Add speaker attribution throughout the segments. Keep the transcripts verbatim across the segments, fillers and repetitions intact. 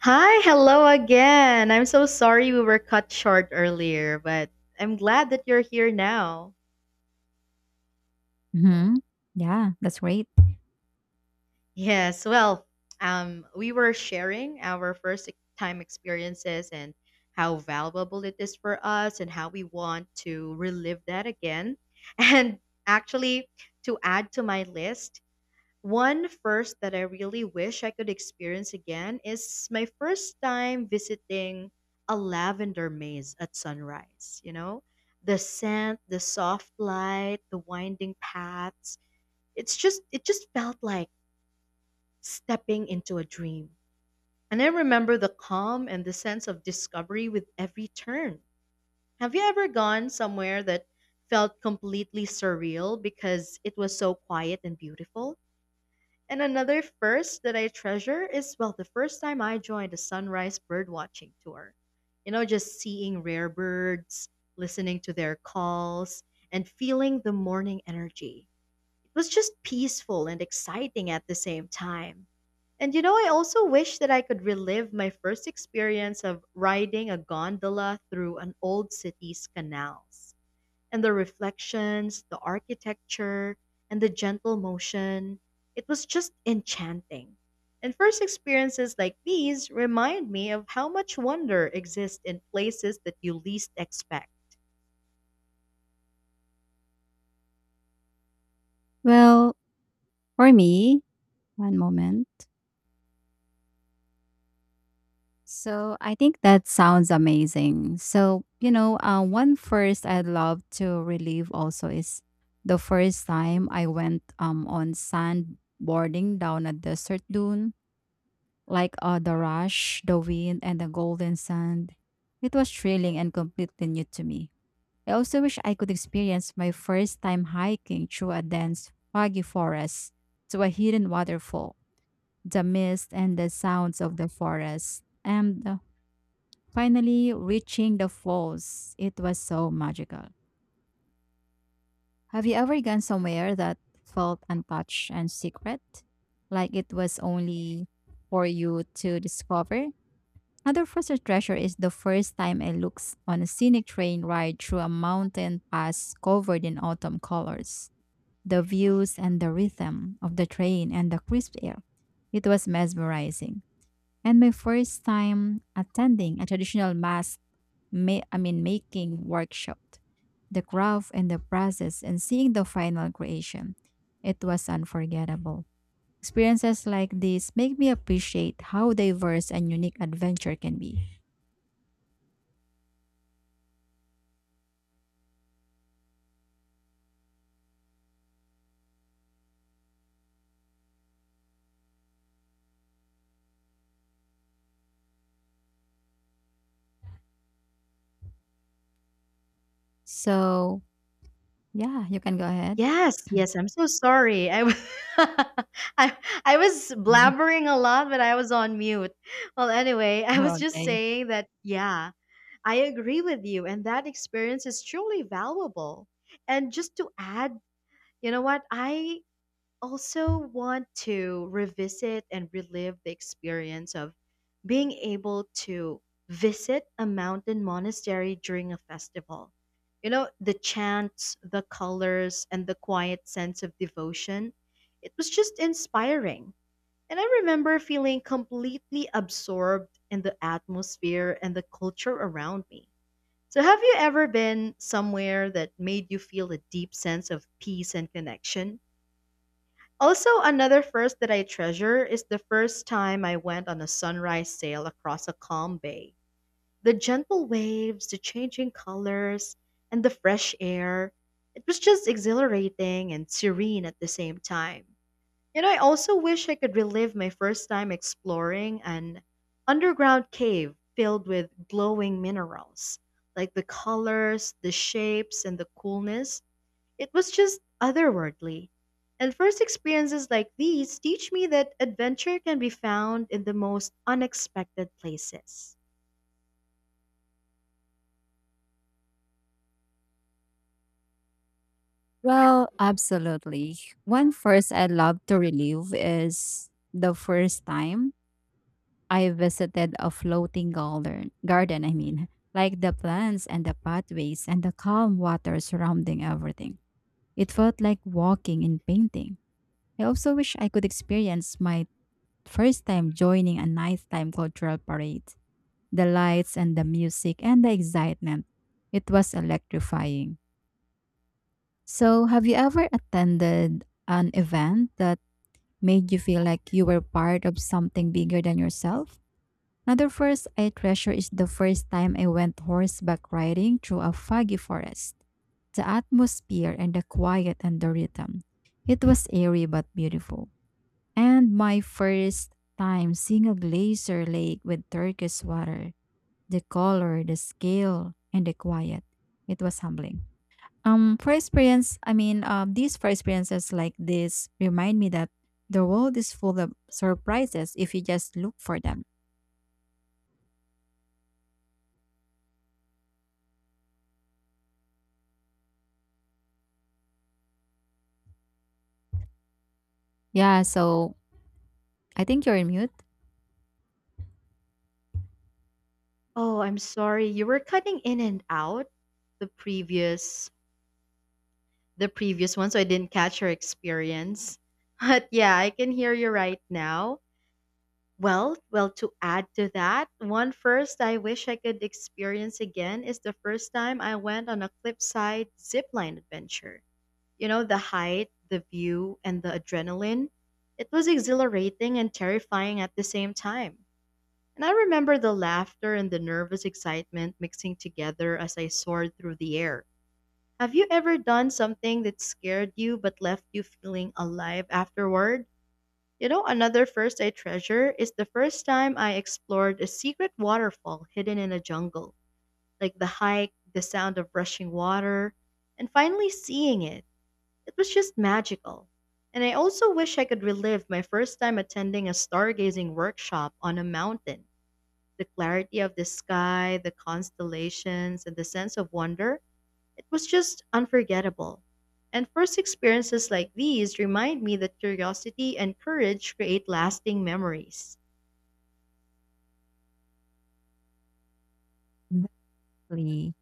Speaker 1: Hi, hello again. I'm so sorry we were cut short earlier, but I'm glad that you're here now.
Speaker 2: Mhm. Yeah, that's great.
Speaker 1: Yes, well, um, we were sharing our first ex- time experiences and how valuable it is for us and how we want to relive that again. And actually, to add to my list, one first that I really wish I could experience again is my first time visiting a lavender maze at sunrise. You know, the scent, the soft light, the winding paths. It's just, it just felt like stepping into a dream. And I remember the calm and the sense of discovery with every turn. Have you ever gone somewhere that felt completely surreal because it was so quiet and beautiful? And another first that I treasure is, well, the first time I joined a sunrise birdwatching tour. You know, just seeing rare birds, listening to their calls, and feeling the morning energy. It was just peaceful and exciting at the same time. And you know, I also wish that I could relive my first experience of riding a gondola through an old city's canals and the reflections, the architecture, and the gentle motion. It was just enchanting. And first experiences like these remind me of how much wonder exists in places that you least expect.
Speaker 2: Well, for me, one moment. So I think that sounds amazing. So, you know, uh, one first I'd love to relive also is the first time I went um on sandboarding down a desert dune, like uh, the rush, the wind, and the golden sand. It was thrilling and completely new to me. I also wish I could experience my first time hiking through a dense, foggy forest to a hidden waterfall, the mist and the sounds of the forest, and uh, finally reaching the falls. It was so magical. Have you ever gone somewhere that felt untouched and secret? Like it was only for you to discover? Another first treasure is the first time I looked on a scenic train ride through a mountain pass covered in autumn colors. The views and the rhythm of the train and the crisp air. It was mesmerizing. And my first time attending a traditional mask, ma- I mean, making workshop, the craft and the process, and seeing the final creation, it was unforgettable. Experiences like this make me appreciate how diverse and unique adventure can be. So, yeah, you can go ahead.
Speaker 1: Yes, yes, I'm so sorry. I, w- I, I was blabbering a lot, but I was on mute. Well, anyway, I was just
Speaker 2: Okay.
Speaker 1: saying that, yeah, I agree with you, and that experience is truly valuable. And just to add, you know what? I also want to revisit and relive the experience of being able to visit a mountain monastery during a festival. You know, the chants, the colors, and the quiet sense of devotion. It was just inspiring. And I remember feeling completely absorbed in the atmosphere and the culture around me. So, have you ever been somewhere that made you feel a deep sense of peace and connection? Also, another first that I treasure is the first time I went on a sunrise sail across a calm bay. The gentle waves, the changing colors, and the fresh air. It was just exhilarating and serene at the same time. You know, I also wish I could relive my first time exploring an underground cave filled with glowing minerals. Like the colors, the shapes, and the coolness, it was just otherworldly. And first experiences like these teach me that adventure can be found in the most unexpected places.
Speaker 2: Well, absolutely. One first I love to relive is the first time I visited a floating garden. Garden, I mean, like the plants and the pathways and the calm water surrounding everything. It felt like walking and painting. I also wish I could experience my first time joining a nighttime cultural parade. The lights and the music and the excitement. It was electrifying. So, have you ever attended an event that made you feel like you were part of something bigger than yourself? Another first I treasure is the first time I went horseback riding through a foggy forest. The atmosphere and the quiet and the rhythm. It was eerie but beautiful. And my first time seeing a glacier lake with turquoise water, the color, the scale, and the quiet. It was humbling. Um, for experience, I mean, uh, these For experiences like this remind me that the world is full of surprises if you just look for them. Yeah, so I think you're in mute.
Speaker 1: Oh, I'm sorry. You were cutting in and out the previous the previous one, so I didn't catch your experience. But yeah, I can hear you right now. Well, well to add to that, one first I wish I could experience again is the first time I went on a cliffside zipline adventure. You know, the height, the view, and the adrenaline. It was exhilarating and terrifying at the same time. And I remember the laughter and the nervous excitement mixing together as I soared through the air. Have you ever done something that scared you but left you feeling alive afterward? You know, another first I treasure is the first time I explored a secret waterfall hidden in a jungle. Like the hike, the sound of rushing water, and finally seeing it, it was just magical. And I also wish I could relive my first time attending a stargazing workshop on a mountain. The clarity of the sky, the constellations, and the sense of wonder, it was just unforgettable. And first experiences like these remind me that curiosity and courage create lasting memories.
Speaker 2: Exactly.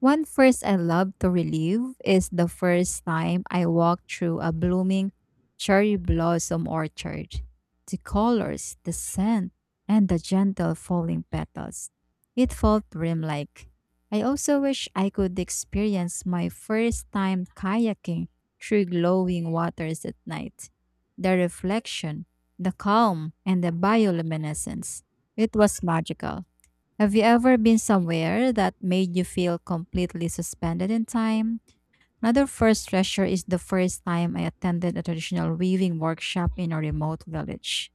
Speaker 2: One first I love to relive is the first time I walked through a blooming cherry blossom orchard. The colors, the scent, and the gentle falling petals. It felt dreamlike. I also wish I could experience my first time kayaking through glowing waters at night. The reflection, the calm, and the bioluminescence. It was magical. Have you ever been somewhere that made you feel completely suspended in time? Another first treasure is the first time I attended a traditional weaving workshop in a remote village.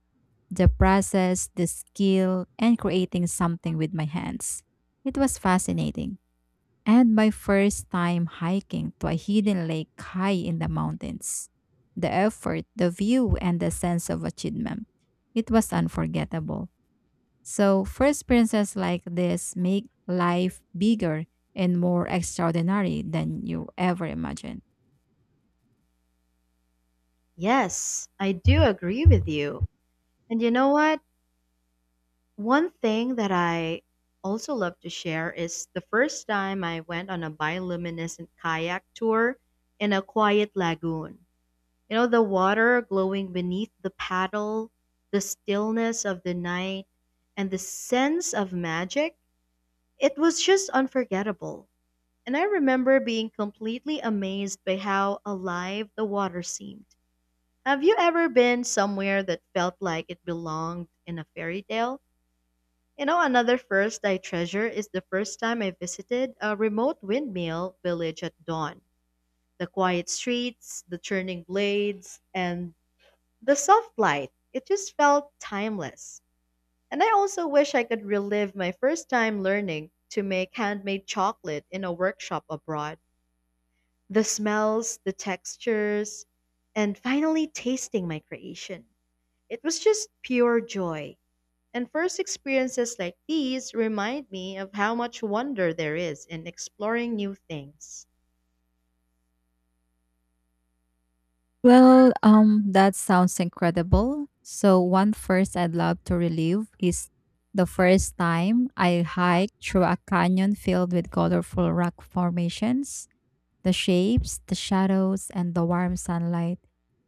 Speaker 2: The process, the skill, and creating something with my hands. It was fascinating. And my first time hiking to a hidden lake high in the mountains. The effort, the view, and the sense of achievement. It was unforgettable. So, first experiences like this make life bigger and more extraordinary than you ever imagined.
Speaker 1: Yes, I do agree with you. And you know what? One thing that I also love to share is the first time I went on a bioluminescent kayak tour in a quiet lagoon. You know, the water glowing beneath the paddle, the stillness of the night, and the sense of magic. It was just unforgettable. And I remember being completely amazed by how alive the water seemed. Have you ever been somewhere that felt like it belonged in a fairy tale? You know, another first I treasure is the first time I visited a remote windmill village at dawn. The quiet streets, the churning blades, and the soft light. It just felt timeless. And I also wish I could relive my first time learning to make handmade chocolate in a workshop abroad. The smells, the textures, and finally tasting my creation. It was just pure joy. And first experiences like these remind me of how much wonder there is in exploring new things.
Speaker 2: Well, um, that sounds incredible. So, one first I'd love to relive is the first time I hiked through a canyon filled with colorful rock formations, the shapes, the shadows, and the warm sunlight.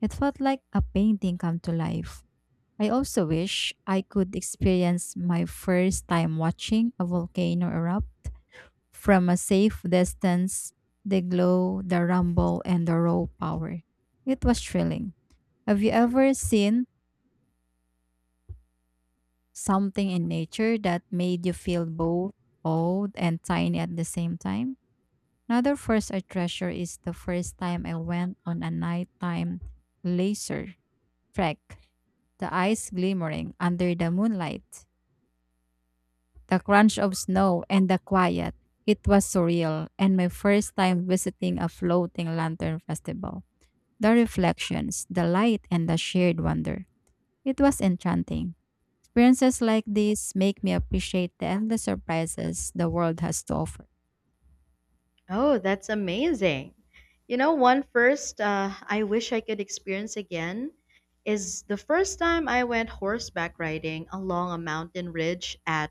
Speaker 2: It felt like a painting come to life. I also wish I could experience my first time watching a volcano erupt from a safe distance, the glow, the rumble, and the raw power. It was thrilling. Have you ever seen something in nature that made you feel both old and tiny at the same time? Another first I treasure is the first time I went on a nighttime laser trek, the eyes glimmering under the moonlight. The crunch of snow, and the quiet. It was surreal and my first time visiting a floating lantern festival. The reflections, the light, and the shared wonder. It was enchanting. Experiences like these make me appreciate the endless surprises the world has to offer.
Speaker 1: Oh, that's amazing. You know, one first uh, I wish I could experience again is the first time I went horseback riding along a mountain ridge at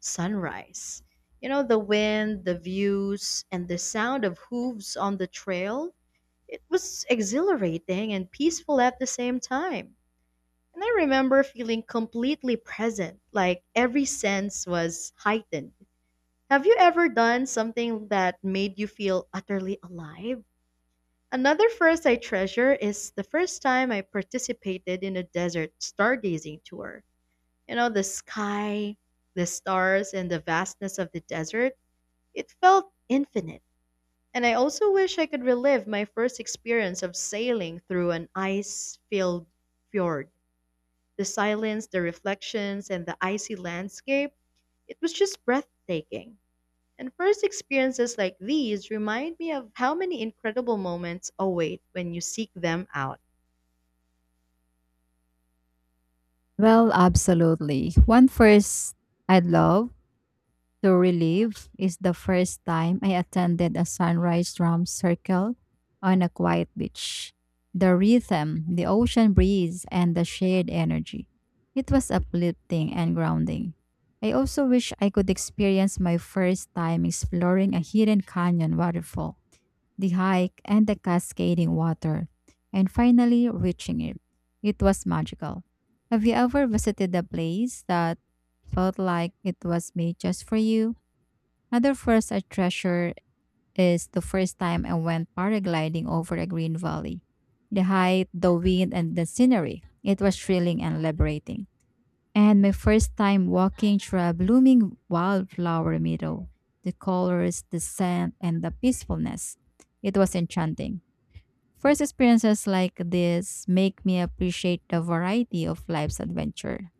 Speaker 1: sunrise. You know, the wind, the views, and the sound of hooves on the trail, it was exhilarating and peaceful at the same time. And I remember feeling completely present, like every sense was heightened. Have you ever done something that made you feel utterly alive? Another first I treasure is the first time I participated in a desert stargazing tour. You know, the sky, the stars, and the vastness of the desert, it felt infinite. And I also wish I could relive my first experience of sailing through an ice filled fjord, the silence, the reflections, and the icy landscape, it was just breathtaking. And first experiences like these remind me of how many incredible moments await when you seek them out.
Speaker 2: Well, absolutely. One first I'd love to relieve is the first time I attended a sunrise drum circle on a quiet beach. The rhythm, the ocean breeze, and the shared energy. It was uplifting and grounding. I also wish I could experience my first time exploring a hidden canyon waterfall, the hike, and the cascading water, and finally reaching it. It was magical. Have you ever visited a place that felt like it was made just for you? Another first I treasure is the first time I went paragliding over a green valley. The height, the wind, and the scenery. It was thrilling and liberating. And my first time walking through a blooming wildflower meadow. The colors, the scent, and the peacefulness. It was enchanting. First experiences like this make me appreciate the variety of life's adventure.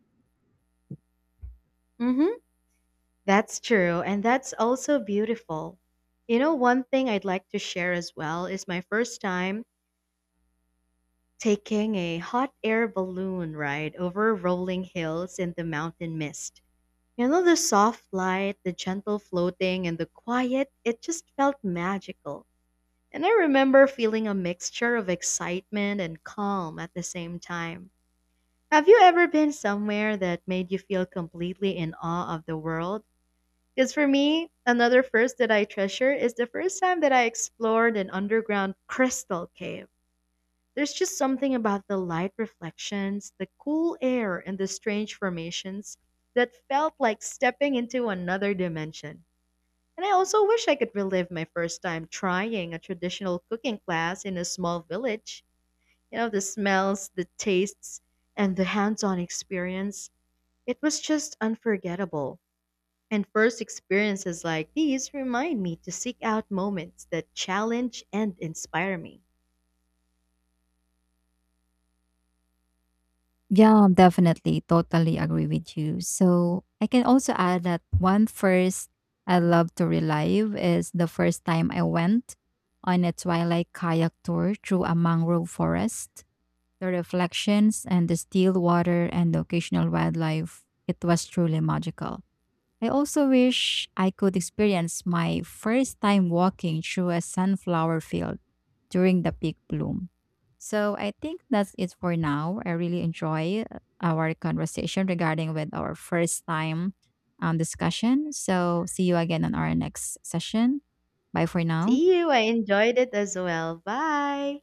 Speaker 1: Mm-hmm. That's true, and that's also beautiful. You know, one thing I'd like to share as well is my first time taking a hot air balloon ride over rolling hills in the mountain mist. You know, the soft light, the gentle floating, and the quiet, it just felt magical. And I remember feeling a mixture of excitement and calm at the same time. Have you ever been somewhere that made you feel completely in awe of the world? Because for me, another first that I treasure is the first time that I explored an underground crystal cave. There's just something about the light reflections, the cool air, and the strange formations that felt like stepping into another dimension. And I also wish I could relive my first time trying a traditional cooking class in a small village. You know, the smells, the tastes, and the hands on experience. It was just unforgettable. And first experiences like these remind me to seek out moments that challenge and inspire me.
Speaker 2: Yeah, definitely. Totally agree with you. So I can also add that one first I love to relive is the first time I went on a twilight kayak tour through a mangrove forest. The reflections and the still water and the occasional wildlife, it was truly magical. I also wish I could experience my first time walking through a sunflower field during the peak bloom. So I think that's it for now. I really enjoy uh, our conversation regarding with our first time um, discussion. So see you again on our next session. Bye for now.
Speaker 1: See you. I enjoyed it as well. Bye.